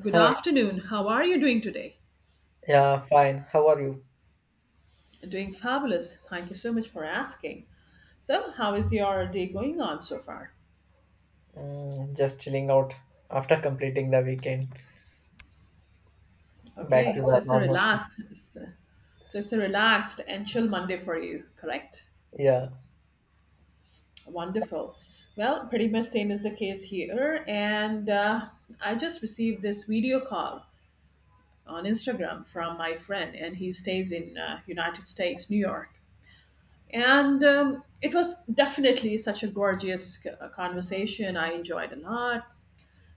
Good Hi, afternoon. How are you doing today? yeah, fine. How are you? Doing fabulous. Thank you so much for asking. So, how is your day going on so far? Just chilling out after completing the weekend. Back Okay, to so the it's a normal shift. relaxed, so it's a relaxed and chill Monday for you, correct? Yeah, Wonderful. Well, pretty much same is the case here, and I just received this video call on Instagram from my friend, and he stays in United States, New York. And it was definitely such a gorgeous conversation. I enjoyed a lot.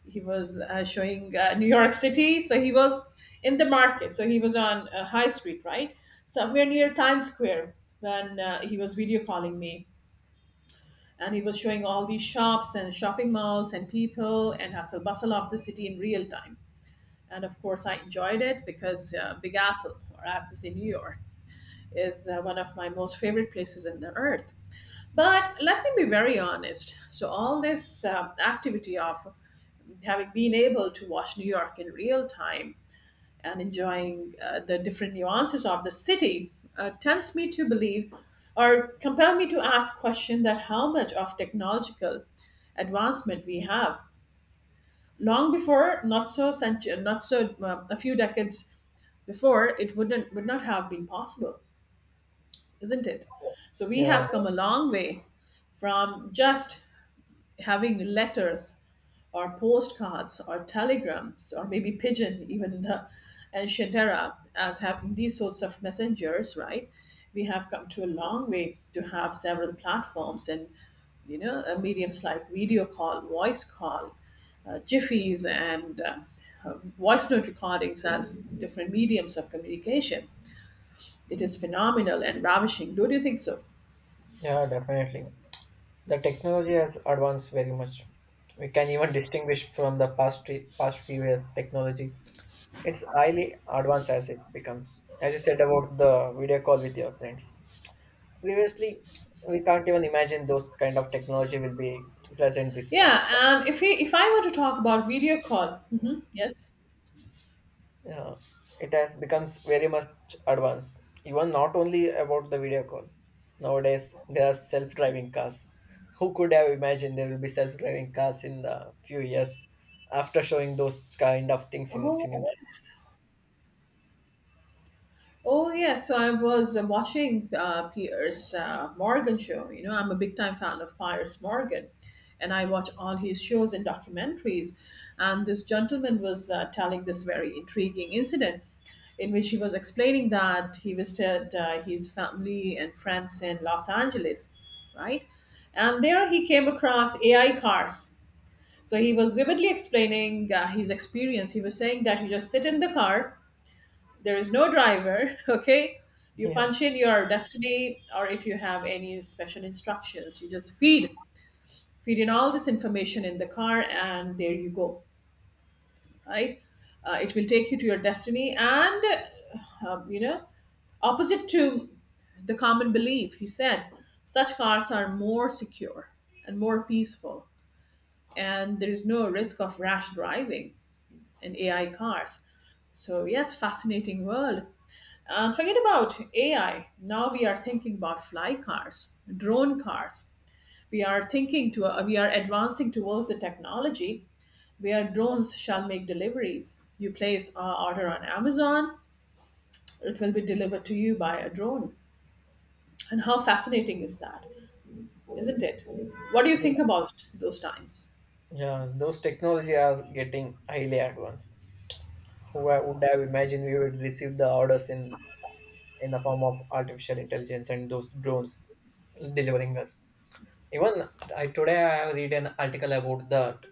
He was showing New York City. So he was in the market, so he was on high street, right, somewhere near Times Square when he was video calling me, and he was showing all these shops and shopping malls and people and hustle bustle of the city in real time. And of course I enjoyed it, because Big Apple, or as they say New York, is one of my most favorite places in the earth. But let me be very honest. So, all this activity of having been able to watch New York in real time and enjoying the different nuances of the city tends me to believe, or compel me to ask question, that how much of technological advancement we have. Long before, not so a few decades before, it would not have been possible, isn't it? So we yeah, have come a long way from just having letters or postcards or telegrams, or maybe pigeon even in the ancient era, as having these sorts of messengers, right? We have come to a long way to have several platforms and mediums like video call, voice call, jiffies, and uh, voice note recordings as different mediums of communication. It is phenomenal and ravishing, don't you think so? yeah, definitely. The technology has advanced very much. We can even distinguish from the past few years technology. It's highly advanced as it becomes. As you said about the video call with your friends. Previously, we can't even imagine those kind of technology will be present this Yeah. fast. And if I were to talk about video call, mhm, yes. Yeah, it has becomes very much advanced. Even not only about the video call. Nowadays there are self-driving cars. Who could have imagined there will be self-driving cars in the few years after showing those kind of things in Oh. cinemas? Oh yes, so I was watching Piers Morgan show. You know, I'm a big time fan of Piers Morgan, and I watch all his shows and documentaries. And this gentleman was telling this very intriguing incident in which he was explaining that he visited his family and friends in Los Angeles, right? And there he came across AI cars. So he was vividly explaining his experience. He was saying that you just sit in the car, there is no driver. Okay, you Yeah, punch in your destiny, or if you have any special instructions, you just feed, feed in all this information in the car, and there you go, right? It will take you to your destiny, and you know, opposite to the common belief, he said such cars are more secure and more peaceful, and there is no risk of rash driving in AI cars. So yes, fascinating world. Forget about AI. Now we are thinking about fly cars, drone cars. We are thinking to we are advancing towards the technology where drones shall make deliveries. You place an order on Amazon, it will be delivered to you by a drone. And how fascinating is that, isn't it? What do you think yeah, about those times? yeah, those technology are getting highly advanced. Would have imagined we would receive the orders in the form of artificial intelligence and those drones delivering us? Even Today I have read an article about that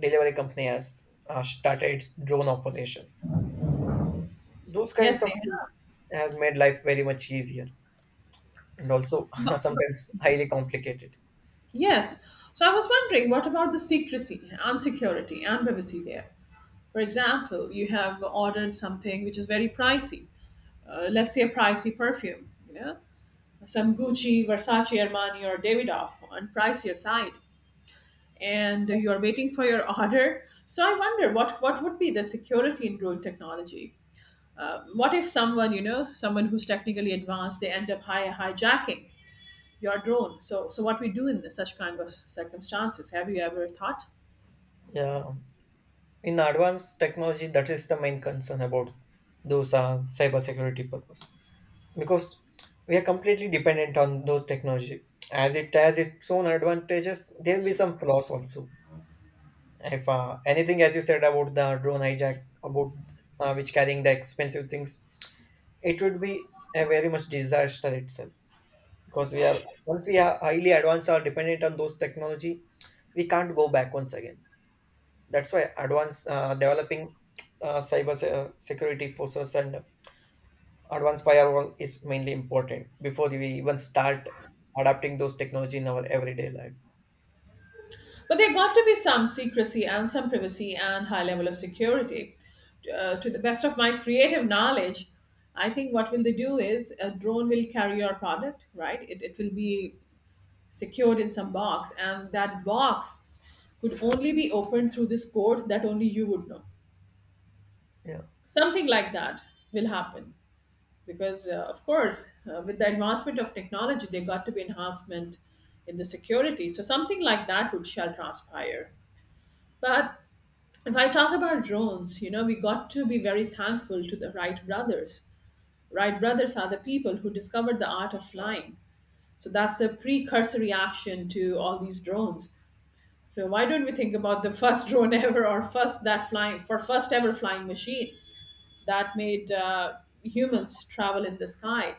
delivery company has started its drone operation. Those kinds Yes, they of things have. have made life very much easier and also But, sometimes highly complicated. yes. So I was wondering, what about the secrecy and security and privacy there? For example, you have ordered something which is very pricey. Let's say a pricey perfume, you know, some Gucci, Versace, Armani, or Davidoff on pricier side, and you're waiting for your order. So I wonder what would be the security in drone technology? What if someone, you know, someone who's technically advanced, they end up hijacking your drone? So what we do in such kind of circumstances? Have you ever thought? Yeah, in advanced technology, that is the main concern about those cybersecurity purpose, because we are completely dependent on those technology. As it has its own advantages, there will be some flaws also. If anything, as you said about the drone hijack, about which carrying the expensive things, it would be a very much disaster itself, because we are once we are highly advanced or dependent on those technology, we can't go back once again. That's why advanced developing security forces and advanced firewall is mainly important before we even start adapting those technology in our everyday life. But there got to be some secrecy and some privacy and high level of security. To the best of my creative knowledge, I think what will they do is a drone will carry your product, right? It will be secured in some box, and that box could only be opened through this code that only you would know. yeah Something like that will happen, because, of course, with the advancement of technology, there got to be enhancement in the security. So something like that would shall transpire. But if I talk about drones, you know, we got to be very thankful to the Wright brothers. Wright brothers are the people who discovered the art of flying. So that's a precursory action to all these drones. So why don't we think about the first drone ever, or first that flying, for first ever flying machine that made humans travel in the sky,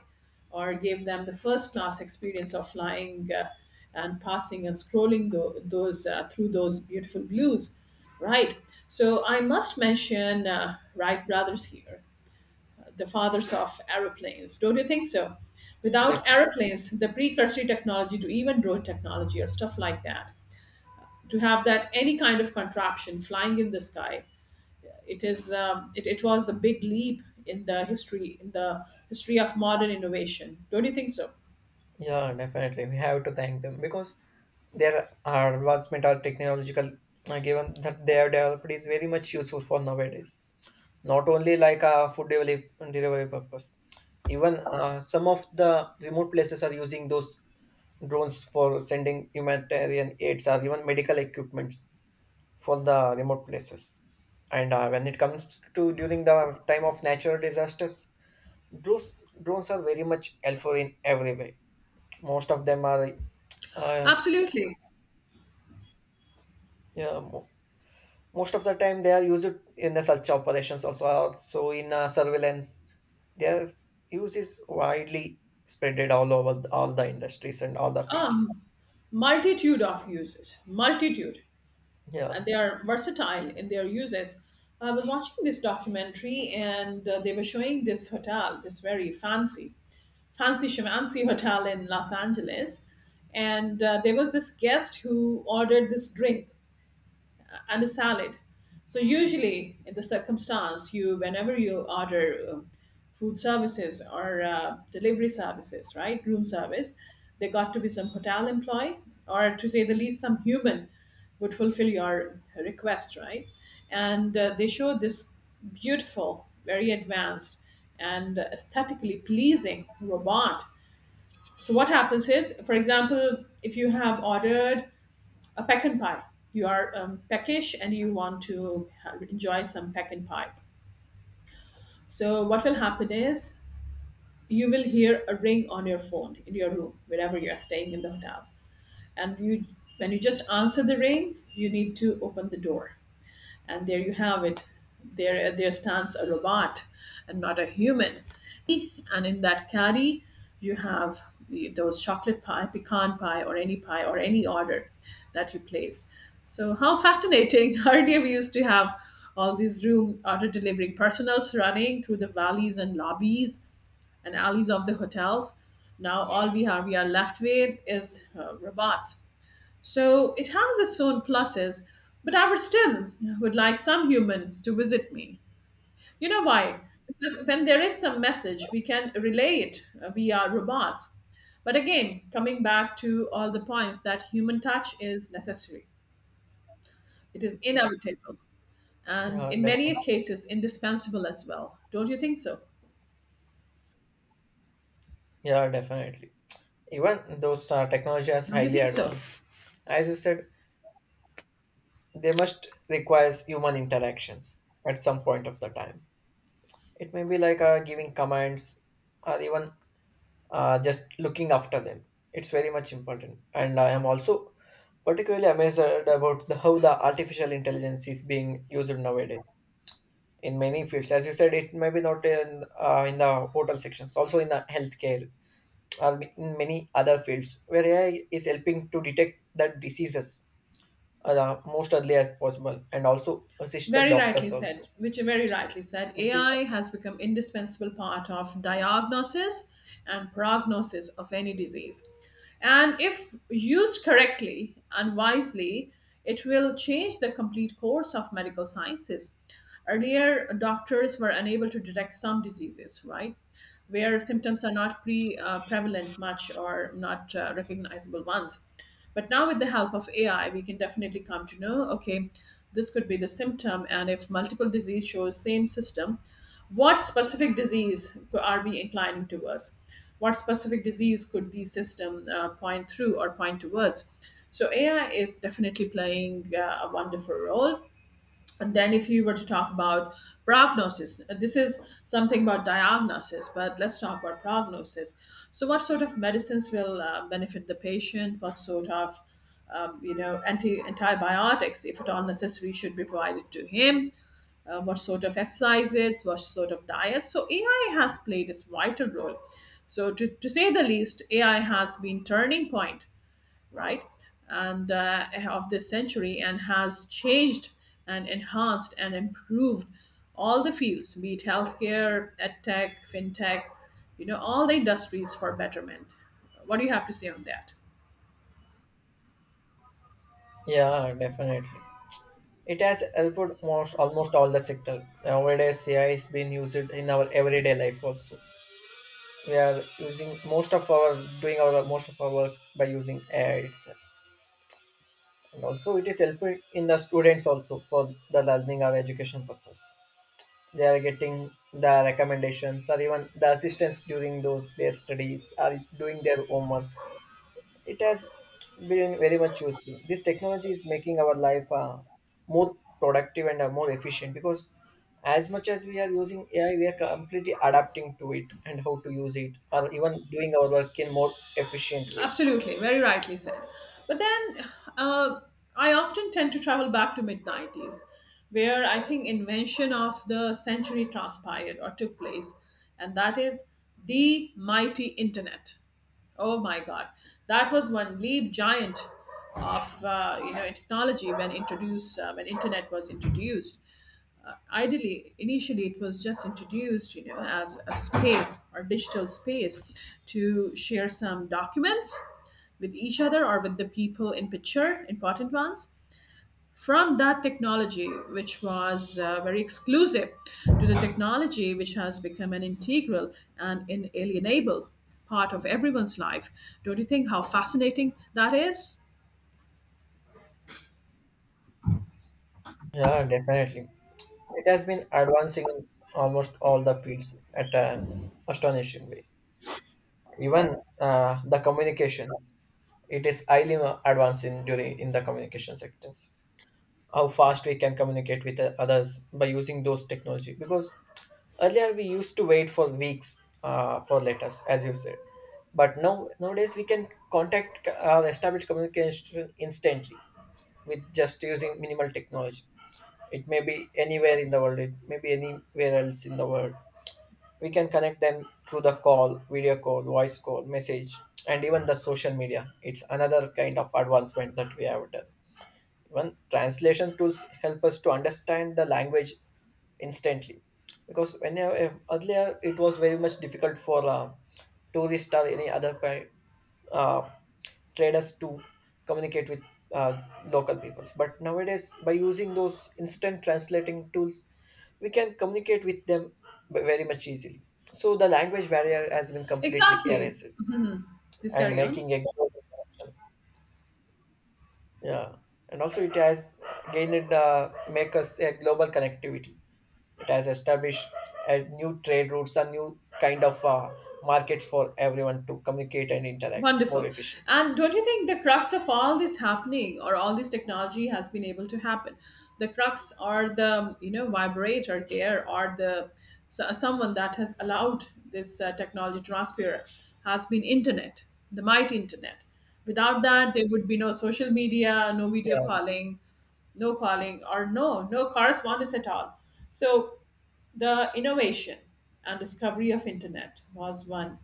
or gave them the first class experience of flying, and passing and scrolling tho- those through those beautiful blues, right? So I must mention Wright brothers here, the fathers of aeroplanes, don't you think so? Without def- aeroplanes, the precursory technology to even drone technology or stuff like that, to have that any kind of contraption flying in the sky, it is it was the big leap in the history of modern innovation. Don't you think so? yeah, definitely we have to thank them because their advancement or technological given that they have developed is very much useful for nowadays, not only like a delivery purpose. Even some of the remote places are using those drones for sending humanitarian aids or even medical equipments for the remote places. And when it comes to during the time of natural disasters, drones drones are very much helpful in every way. Most of them are uh, Absolutely. yeah, most of the time they are used in the search operations, also also in surveillance. Their use is widely spreaded all the industries and all the fields. Um, multitude of uses, multitude, and Yeah. they are versatile in their uses. I was watching this documentary and they were showing this hotel, this very fancy, fancy shamancy hotel in Los Angeles. And there was this guest who ordered this drink and a salad. So usually, in the circumstance, you whenever you order food services or delivery services, right, room service, there got to be some hotel employee, or to say the least, some human would fulfill your request, right? And they show this beautiful, very advanced, and aesthetically pleasing robot. So what happens is, for example, if you have ordered a pecan pie. You are peckish and you want to enjoy some pecan pie. So, what will happen is you will hear a ring on your phone in your room, wherever you are staying in the hotel. And you, when you just answer the ring, you need to open the door, and there you have it. There stands a robot and not a human. Eh, and in that caddy you have those chocolate pie, pecan pie, or any pie or any order that you placed. So how fascinating. Earlier we used to have all these room order delivering personals running through the valleys and lobbies and alleys of the hotels. Now all we have we are left with is robots. So it has its own pluses, but I would still would like some human to visit me. You know why? Because when there is some message, we can relay it via robots. But again, coming back to all the points that human touch is necessary. It is inevitable, and yeah in many definitely. cases indispensable as well. Don't you think so? yeah definitely Even those technology is Don't you highly think so? advanced. As you said, they must requires human interactions at some point of the time. It may be like giving commands or even just looking after them. It's very much important, and I am also particularly amazed about how the artificial intelligence is being used nowadays in many fields. As you said, it may be not in in the hotel sections, also in the healthcare or in many other fields where AI is helping to detect the diseases the most early as possible and also assist the Very rightly doctors said, also, which is AI has become indispensable part of diagnosis and prognosis of any disease. And if used correctly and wisely, it will change the complete course of medical sciences. Earlier, doctors were unable to detect some diseases, right? Where symptoms are not prevalent much, or not recognizable ones. But now, with the help of AI, we can definitely come to know, okay, this could be the symptom, and if multiple disease shows same system, what specific disease are we inclining towards? What specific disease could the system point through, or point towards? So AI is definitely playing a wonderful role. And then, if you were to talk about prognosis, this is something about diagnosis, but let's talk about prognosis. So, what sort of medicines will benefit the patient? What sort of antibiotics, if at all necessary, should be provided to him? What sort of exercises? What sort of diet? So, AI has played its vital role. So, to say the least, AI has been turning point, right? And of this century, and has changed and enhanced and improved all the fields, be it healthcare, edtech, fintech, you know, all the industries for betterment. What do you have to say on that? yeah, definitely. It has helped most almost all the sector nowadays. AI is being used in our everyday life also. We are using most of our doing our most of our work by using AI itself, and also it is helping in the students also for the learning or education purpose. They are getting the recommendations or even the assistance during those their studies or doing their homework. It has been very much useful. This technology is making our life more productive and more efficient because as much as we are using AI, we are completely adapting to it and how to use it, or even doing our work in more efficient way. Absolutely, very rightly said. But then uh, I often tend to travel back to mid 90s, where I think invention of the century transpired or took place, and that is the mighty internet. Oh my God, that was one leap giant of in technology when introduced, when internet was introduced. Ideally, initially it was just introduced as a space or digital space to share some documents with each other or with the people in picture, important ones, from that technology, which was very exclusive, to the technology which has become an integral and inalienable part of everyone's life. Don't you think how fascinating that is? Yeah, definitely. It has been advancing in almost all the fields at an astonishing way. Even the communication, it is highly advancing during in the communication sectors. How fast we can communicate with the others by using those technology, because earlier we used to wait for weeks for letters as you said, but now nowadays we can contact or establish communication instantly with just using minimal technology. It may be anywhere else in the world, we can connect them through the call, video call, voice call, message. And even the social media, it's another kind of advancement that we have done. Even translation tools help us to understand the language instantly, because whenever earlier it was very much difficult for tourists or any other pri- uh, traders to communicate with uh, local peoples. But nowadays, by using those instant translating tools, we can communicate with them very much easily, so the language barrier has been completely Exactly. erased Please and carry on. making a global connection. Yeah, and also it has gained make us a global connectivity. It has established a new trade routes, a new kind of markets for everyone to communicate and interact more Wonderful. efficiently. And don't you think the crux of all this happening or all this technology has been able to happen? The crux or the, vibrator there or the someone that has allowed this technology transfer has been internet, the mighty internet. Without that, there would be no social media, no video Yeah, calling, no calling or no correspondence at all. So the innovation and discovery of internet was one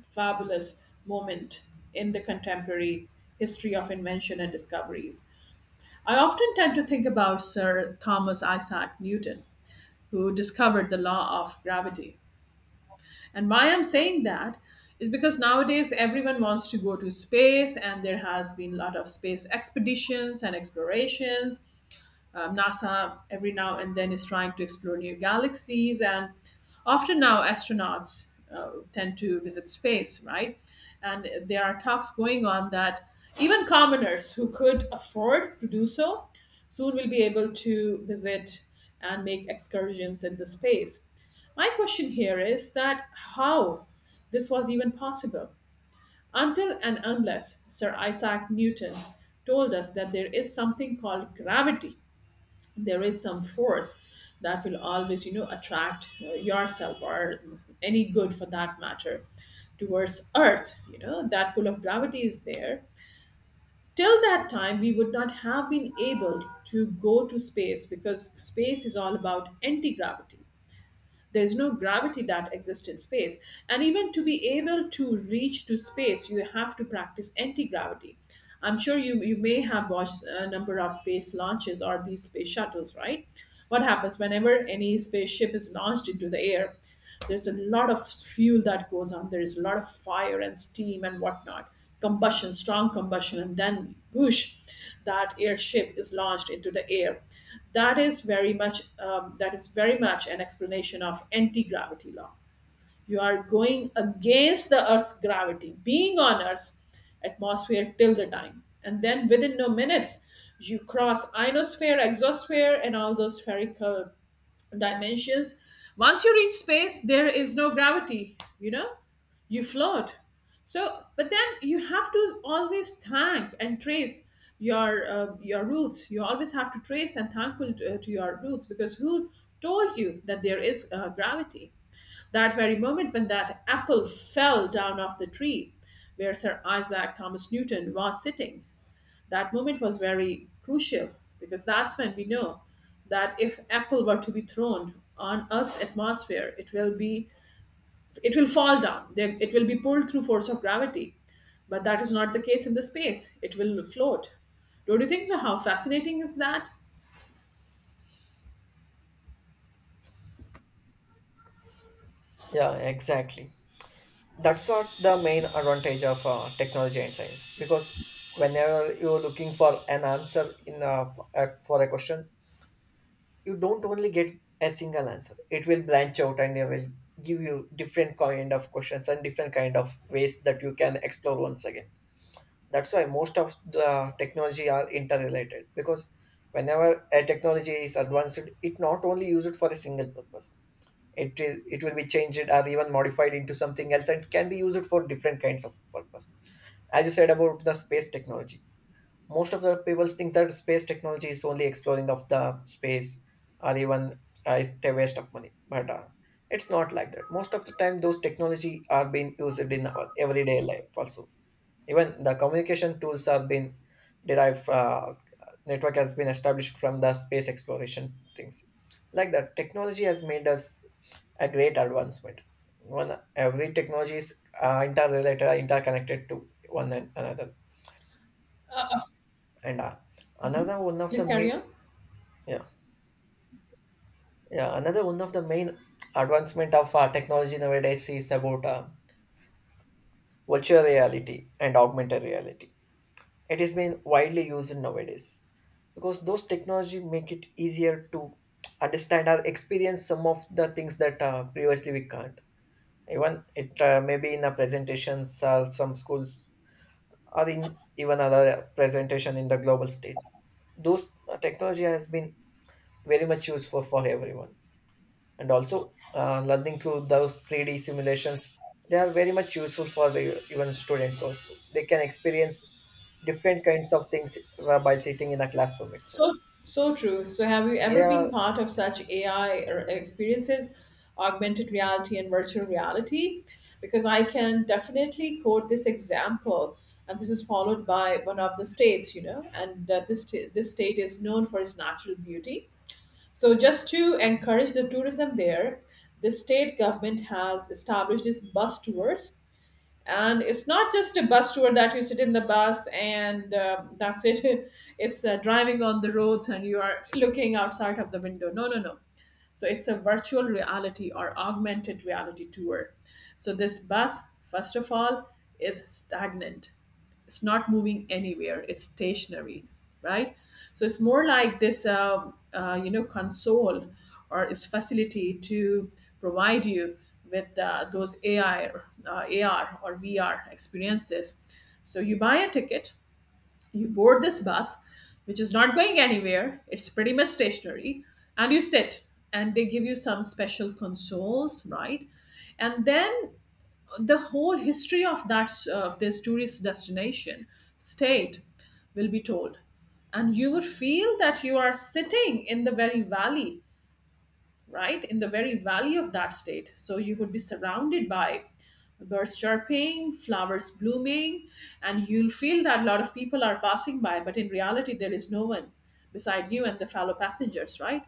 fabulous moment in the contemporary history of invention and discoveries. I often tend to think about Sir Thomas Isaac Newton, who discovered the law of gravity. And why I'm saying that is because nowadays everyone wants to go to space and there has been a lot of space expeditions and explorations. NASA every now and then is trying to explore new galaxies, and often now astronauts tend to visit space, right? And there are talks going on that even commoners who could afford to do so soon will be able to visit and make excursions into space. My question here is that how this was even possible until and unless Sir Isaac Newton told us that there is something called gravity. There is some force that will always attract yourself or any good for that matter towards earth. That pull of gravity is there. Till that time we would not have been able to go to space because space is all about anti-gravity. There's no gravity that exists in space. And even to be able to reach to space you have to practice anti-gravity. I'm sure you may have watched a number of space launches or these space shuttles, right? What happens whenever any spaceship is launched into the air? There's a lot of fuel that goes on, there's a lot of fire and steam and whatnot. Combustion, strong combustion, and then whoosh, that airship is launched into the air. That is very much that is very much an explanation of anti-gravity law. You are going against the Earth's gravity, being on Earth's atmosphere till the time, and then within no minutes you cross ionosphere, exosphere, and all those spherical dimensions. Once you reach space, there is no gravity, you float. So, but then you have to always thank and trace your roots. You always have to trace and thankful to your roots because who told you that there is gravity? That very moment when that apple fell down off the tree where Sir Isaac Thomas Newton was sitting, that moment was very crucial because that's when we know that if apple were to be thrown on earth's atmosphere it will fall down. It will be pulled through force of gravity, but that is not the case in the space, it will float. Don't you think so? How fascinating is that? yeah, exactly. That's what the main advantage of technology and science, because whenever you're looking for an answer for a question, you don't only get a single answer. It will branch out and it will give you different kind of questions and different kind of ways that you can explore once again. That's why most of the technology are interrelated, because whenever a technology is advanced, it not only used for a single purpose. It will be changed or even modified into something else and can be used for different kinds of purpose. As you said about the space technology, most of the people think that space technology is only exploring of the space or even it's a waste of money. But it's not like that. Most of the time those technology are being used in our everyday life also. Even the communication tools are being derived, network has been established from the space exploration things. Like that, technology has made us a great advancement. Even every technology is interrelated, interconnected to one another. And another one of Please the carry main on. yeah yeah another one of the main advancement of technology nowadays is about virtual reality and augmented reality. It is being widely used nowadays because those technology make it easier to understand or experience some of the things that previously we can't. Even it maybe in a presentations or some schools or in even other presentation in the global stage. Those technology has been very much useful for everyone, and also learning through those three D simulations. They are very much useful for the, even students also. They can experience different kinds of things by sitting in a classroom itself. So, so true. So, have you ever been Yeah, part of such AI or experiences, augmented reality and virtual reality? Because I can definitely quote this example, and this is followed by one of the states, and this state is known for its natural beauty. So, just to encourage the tourism there, the state government has established this bus tours, and it's not just a bus tour that you sit in the bus and that's it it's driving on the roads and you are looking outside of the window, no, no, no. So it's a virtual reality or augmented reality tour. So this bus, first of all, is stagnant, it's not moving anywhere, it's stationary, right? So it's more like this console or its facility to provide you with those AI AR or VR experiences. So you buy a ticket, you board this bus, which is not going anywhere, it's pretty much stationary, and you sit, and they give you some special consoles, right? And then the whole history of that of this tourist destination state will be told, and you would feel that you are sitting in the very valley, right, in the very valley of that state. So you would be surrounded by birds chirping, flowers blooming, and you'll feel that a lot of people are passing by, but in reality there is no one beside you and the fellow passengers, right,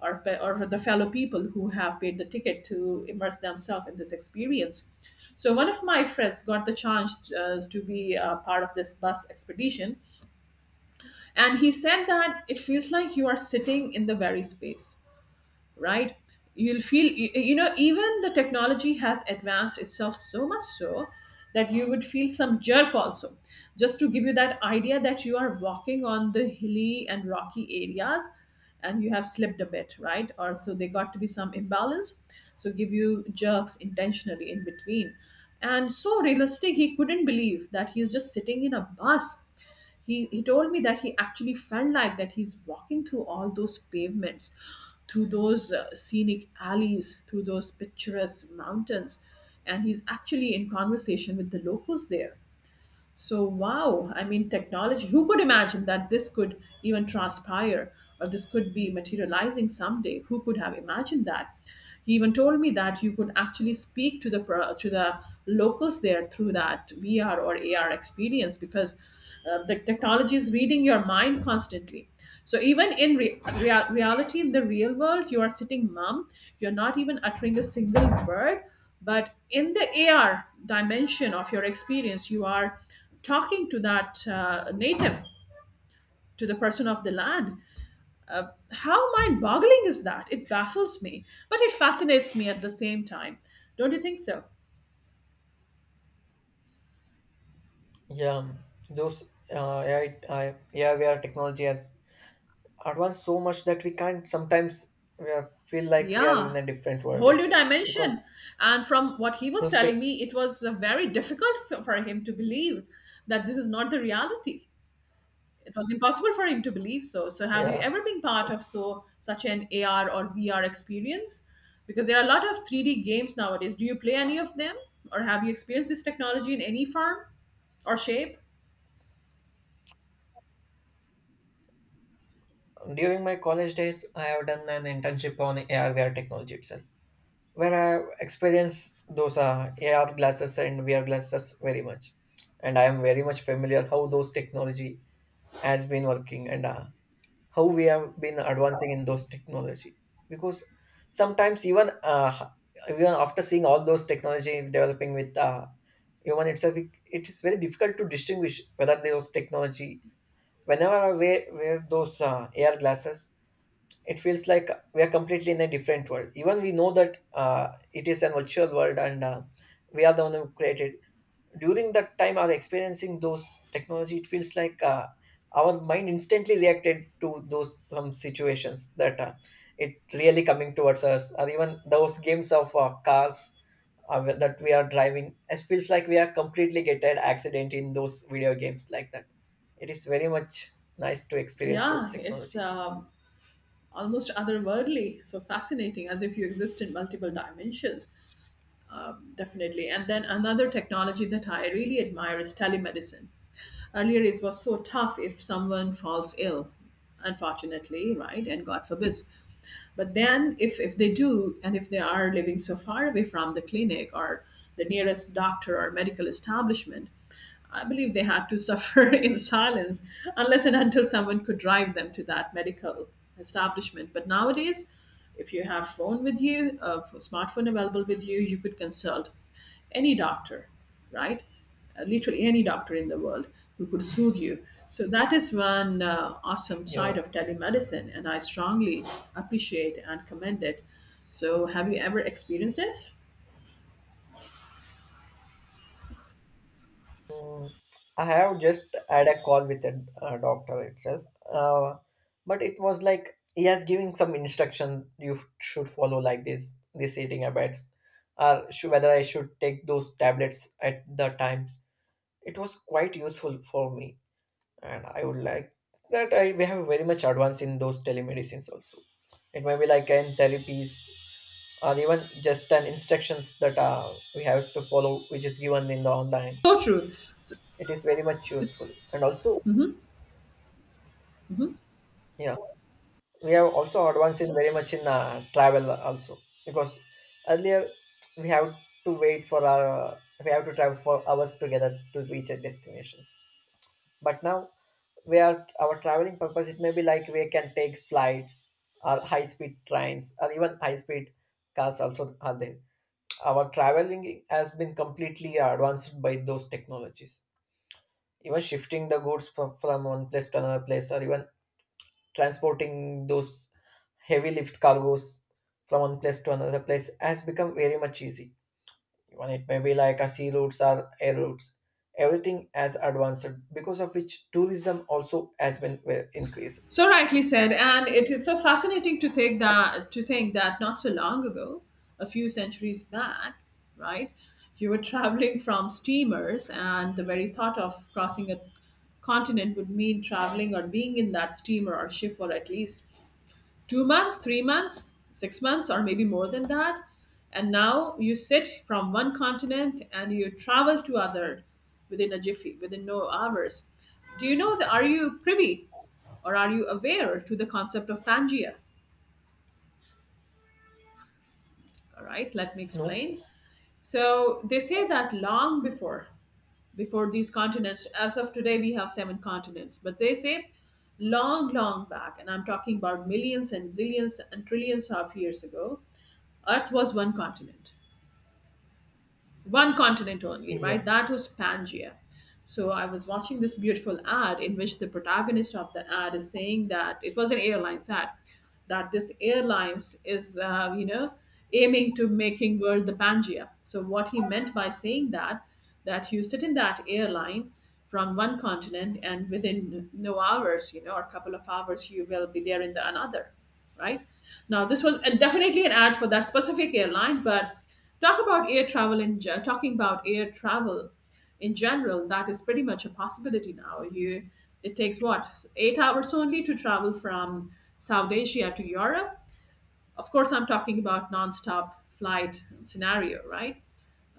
or the fellow people who have paid the ticket to immerse themselves in this experience. So one of my friends got the chance to be a part of this bus expedition, and he said that it feels like you are sitting in the very space, right. You'll feel even the technology has advanced itself so much so that you would feel some jerk also, just to give you that idea that you are walking on the hilly and rocky areas and you have slipped a bit, right, or so they got to be some imbalance, so give you jerks intentionally in between. And so realistic, he couldn't believe that he's just sitting in a bus. He told me that he actually felt like that he's walking through all those pavements, through those scenic alleys, through those picturesque mountains, and he's actually in conversation with the locals there. So, wow, I mean, technology, who could imagine that this could even transpire or this could be materializing someday? Who could have imagined that? He even told me that you could actually speak to the locals there through that VR or AR experience because the technology is reading your mind constantly. So even in reality, in the real world, you are sitting mum. You're not even uttering a single word. But in the AR dimension of your experience, you are talking to that native, to the person of the land. How mind-boggling is that? It baffles me, but it fascinates me at the same time. Don't you think so? yeah. Those yeah, where technology has advanced so much that we can't sometimes we are, feel like we are Yeah. in a different world Whole new itself, because dimension. And from what he was those tech, telling me, it was very difficult for him to believe that this is not the reality. It was impossible for him to believe so. So, have you yeah. ever been part of such an AR or VR experience? Because there are a lot of 3D games nowadays. Do you play any of them, or have you experienced this technology in any form or shape? During my college days, I have done an internship on AR technology itself, where I have experienced those AR glasses and VR glasses very much. And I am very much familiar how those technology has been working, and how we have been advancing in those technology. Because sometimes even even after seeing all those technology developing with human itself, it is very difficult to distinguish whether those technology, whenever I wear those AR glasses, it feels like we are completely in a different world, even we know that it is an virtual world, and we are the one who created during that time are experiencing those technology. It feels like our mind instantly reacted to those some situations that it really coming towards us, or even those games of cars that we are driving. It feels like we are completely getting accident in those video games, like that. It is very much nice to experience those Yeah, it's technologies. Almost otherworldly. So fascinating, as if you exist in multiple dimensions. Definitely. And then another technology that I really admire is telemedicine. Earlier, it was so tough if someone falls ill, unfortunately, right? And God forbids. But then, if they do, and if they are living so far away from the clinic or the nearest doctor or medical establishment, I believe they had to suffer in silence unless and until someone could drive them to that medical establishment. But nowadays, if you have phone with you, a smartphone available with you, you could consult any doctor, right? Literally any doctor in the world who could soothe you. So that is one awesome side Yeah. of telemedicine, and I strongly appreciate and commend it. So, have you ever experienced it? Mm, I have just had a call with a doctor itself, uh, but it was like he has giving some instruction you should follow, like this eating habits, or whether I should take those tablets at the times. It was quite useful for me, and I would like that I we have very much advanced in those telemedicines also. It may be like in therapies, or even just an instructions that we have to follow, which is given in the online. So true. It is very much useful, and also yeah, we have also advanced in very much in travel also, because earlier we have to wait for our we have to travel for hours together to reach our destinations. But now we are our traveling purpose, it may be like we can take flights or high speed trains or even high speed cars also are there. Our traveling has been completely advanced by those technologies. Even shifting the goods from one place to another place, or even transporting those heavy lift cargoes from one place to another place has become very much easy. Even it may be like a sea routes or air routes. Everything has advanced, because of which tourism also has been well increased. So rightly said, and it is so fascinating to think that not so long ago, a few centuries back, right, you were traveling from steamers, and the very thought of crossing a continent would mean traveling or being in that steamer or ship for at least 2 months, 3 months, 6 months, or maybe more than that. And now you sit from one continent and you travel to other within a jiffy, within no hours. Do you know that? Are you privy or are you aware to the concept of Pangea? All right, let me No, explain. So they say that long before these continents. As of today, we have seven continents. But they say long, long back, and I'm talking about millions and zillions and trillions of years ago, Earth was one continent, one continent only, yeah, right? That was Pangaea. So I was watching this beautiful ad in which the protagonist of the ad is saying that it was an airlines ad that this airlines is aiming to making world the Pangaea. So what he meant by saying that you sit in that airline from one continent and within no hours, or a couple of hours, you will be there in the another, right? Now, this was definitely an ad for that specific airline, but talking about air travel in general, that is pretty much a possibility now. You It takes what 8 hours only to travel from South Asia to Europe. Of course, I'm talking about nonstop flight scenario, right?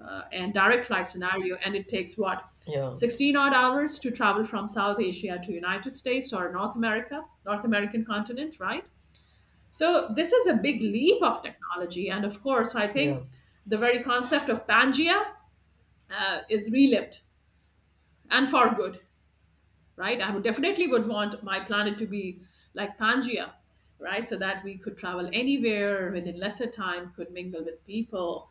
And direct flight scenario, and it takes what yeah, 16 odd hours to travel from South Asia to United States or North America, North American continent, right? So this is a big leap of technology, and of course, I yeah, think the very concept of Pangea is relived and for good, right? I would definitely would want my planet to be like Pangea, right? So that we could travel anywhere within lesser time, could mingle with people,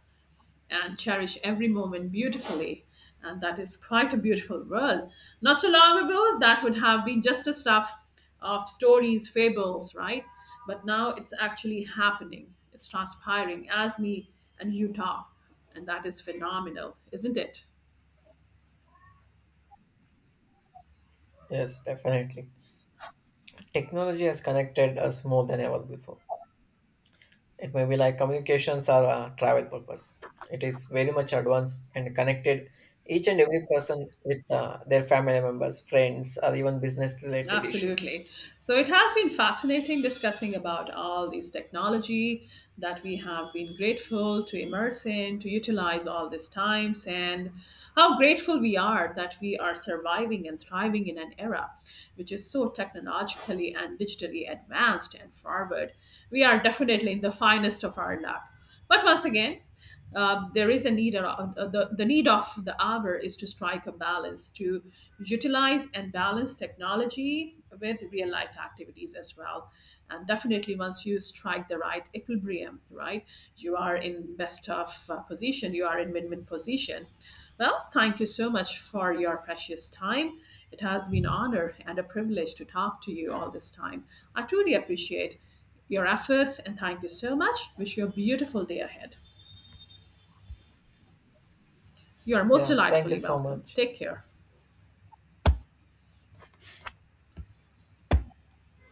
and cherish every moment beautifully. And that is quite a beautiful world. Not so long ago, that would have been just a stuff of stories, fables, right? But now it's actually happening. It's transpiring as me and you talk. And that is phenomenal, isn't it? yes, definitely. Technology has connected us more than ever before. It may be like communications or travel purpose. It is very much advanced and connected each and every person with their family members, friends, or even business related issues. Absolutely. So it has been fascinating discussing about all this technology that we have been grateful to immerse in, to utilize all these times, and how grateful we are that we are surviving and thriving in an era which is so technologically and digitally advanced and forward. We are definitely in the finest of our luck. But once again, there is a need, the need of the hour is to strike a balance to utilize and balance technology with real life activities as well, and definitely, once you strike the right equilibrium, right, you are in best of position, you are in win-win position. Well, thank you so much for your precious time. It has been an honor and a privilege to talk to you all this time. I truly appreciate your efforts and thank you so much. Wish you a beautiful day ahead. You are most Yeah, thank you delightfully so welcome. much. Take care.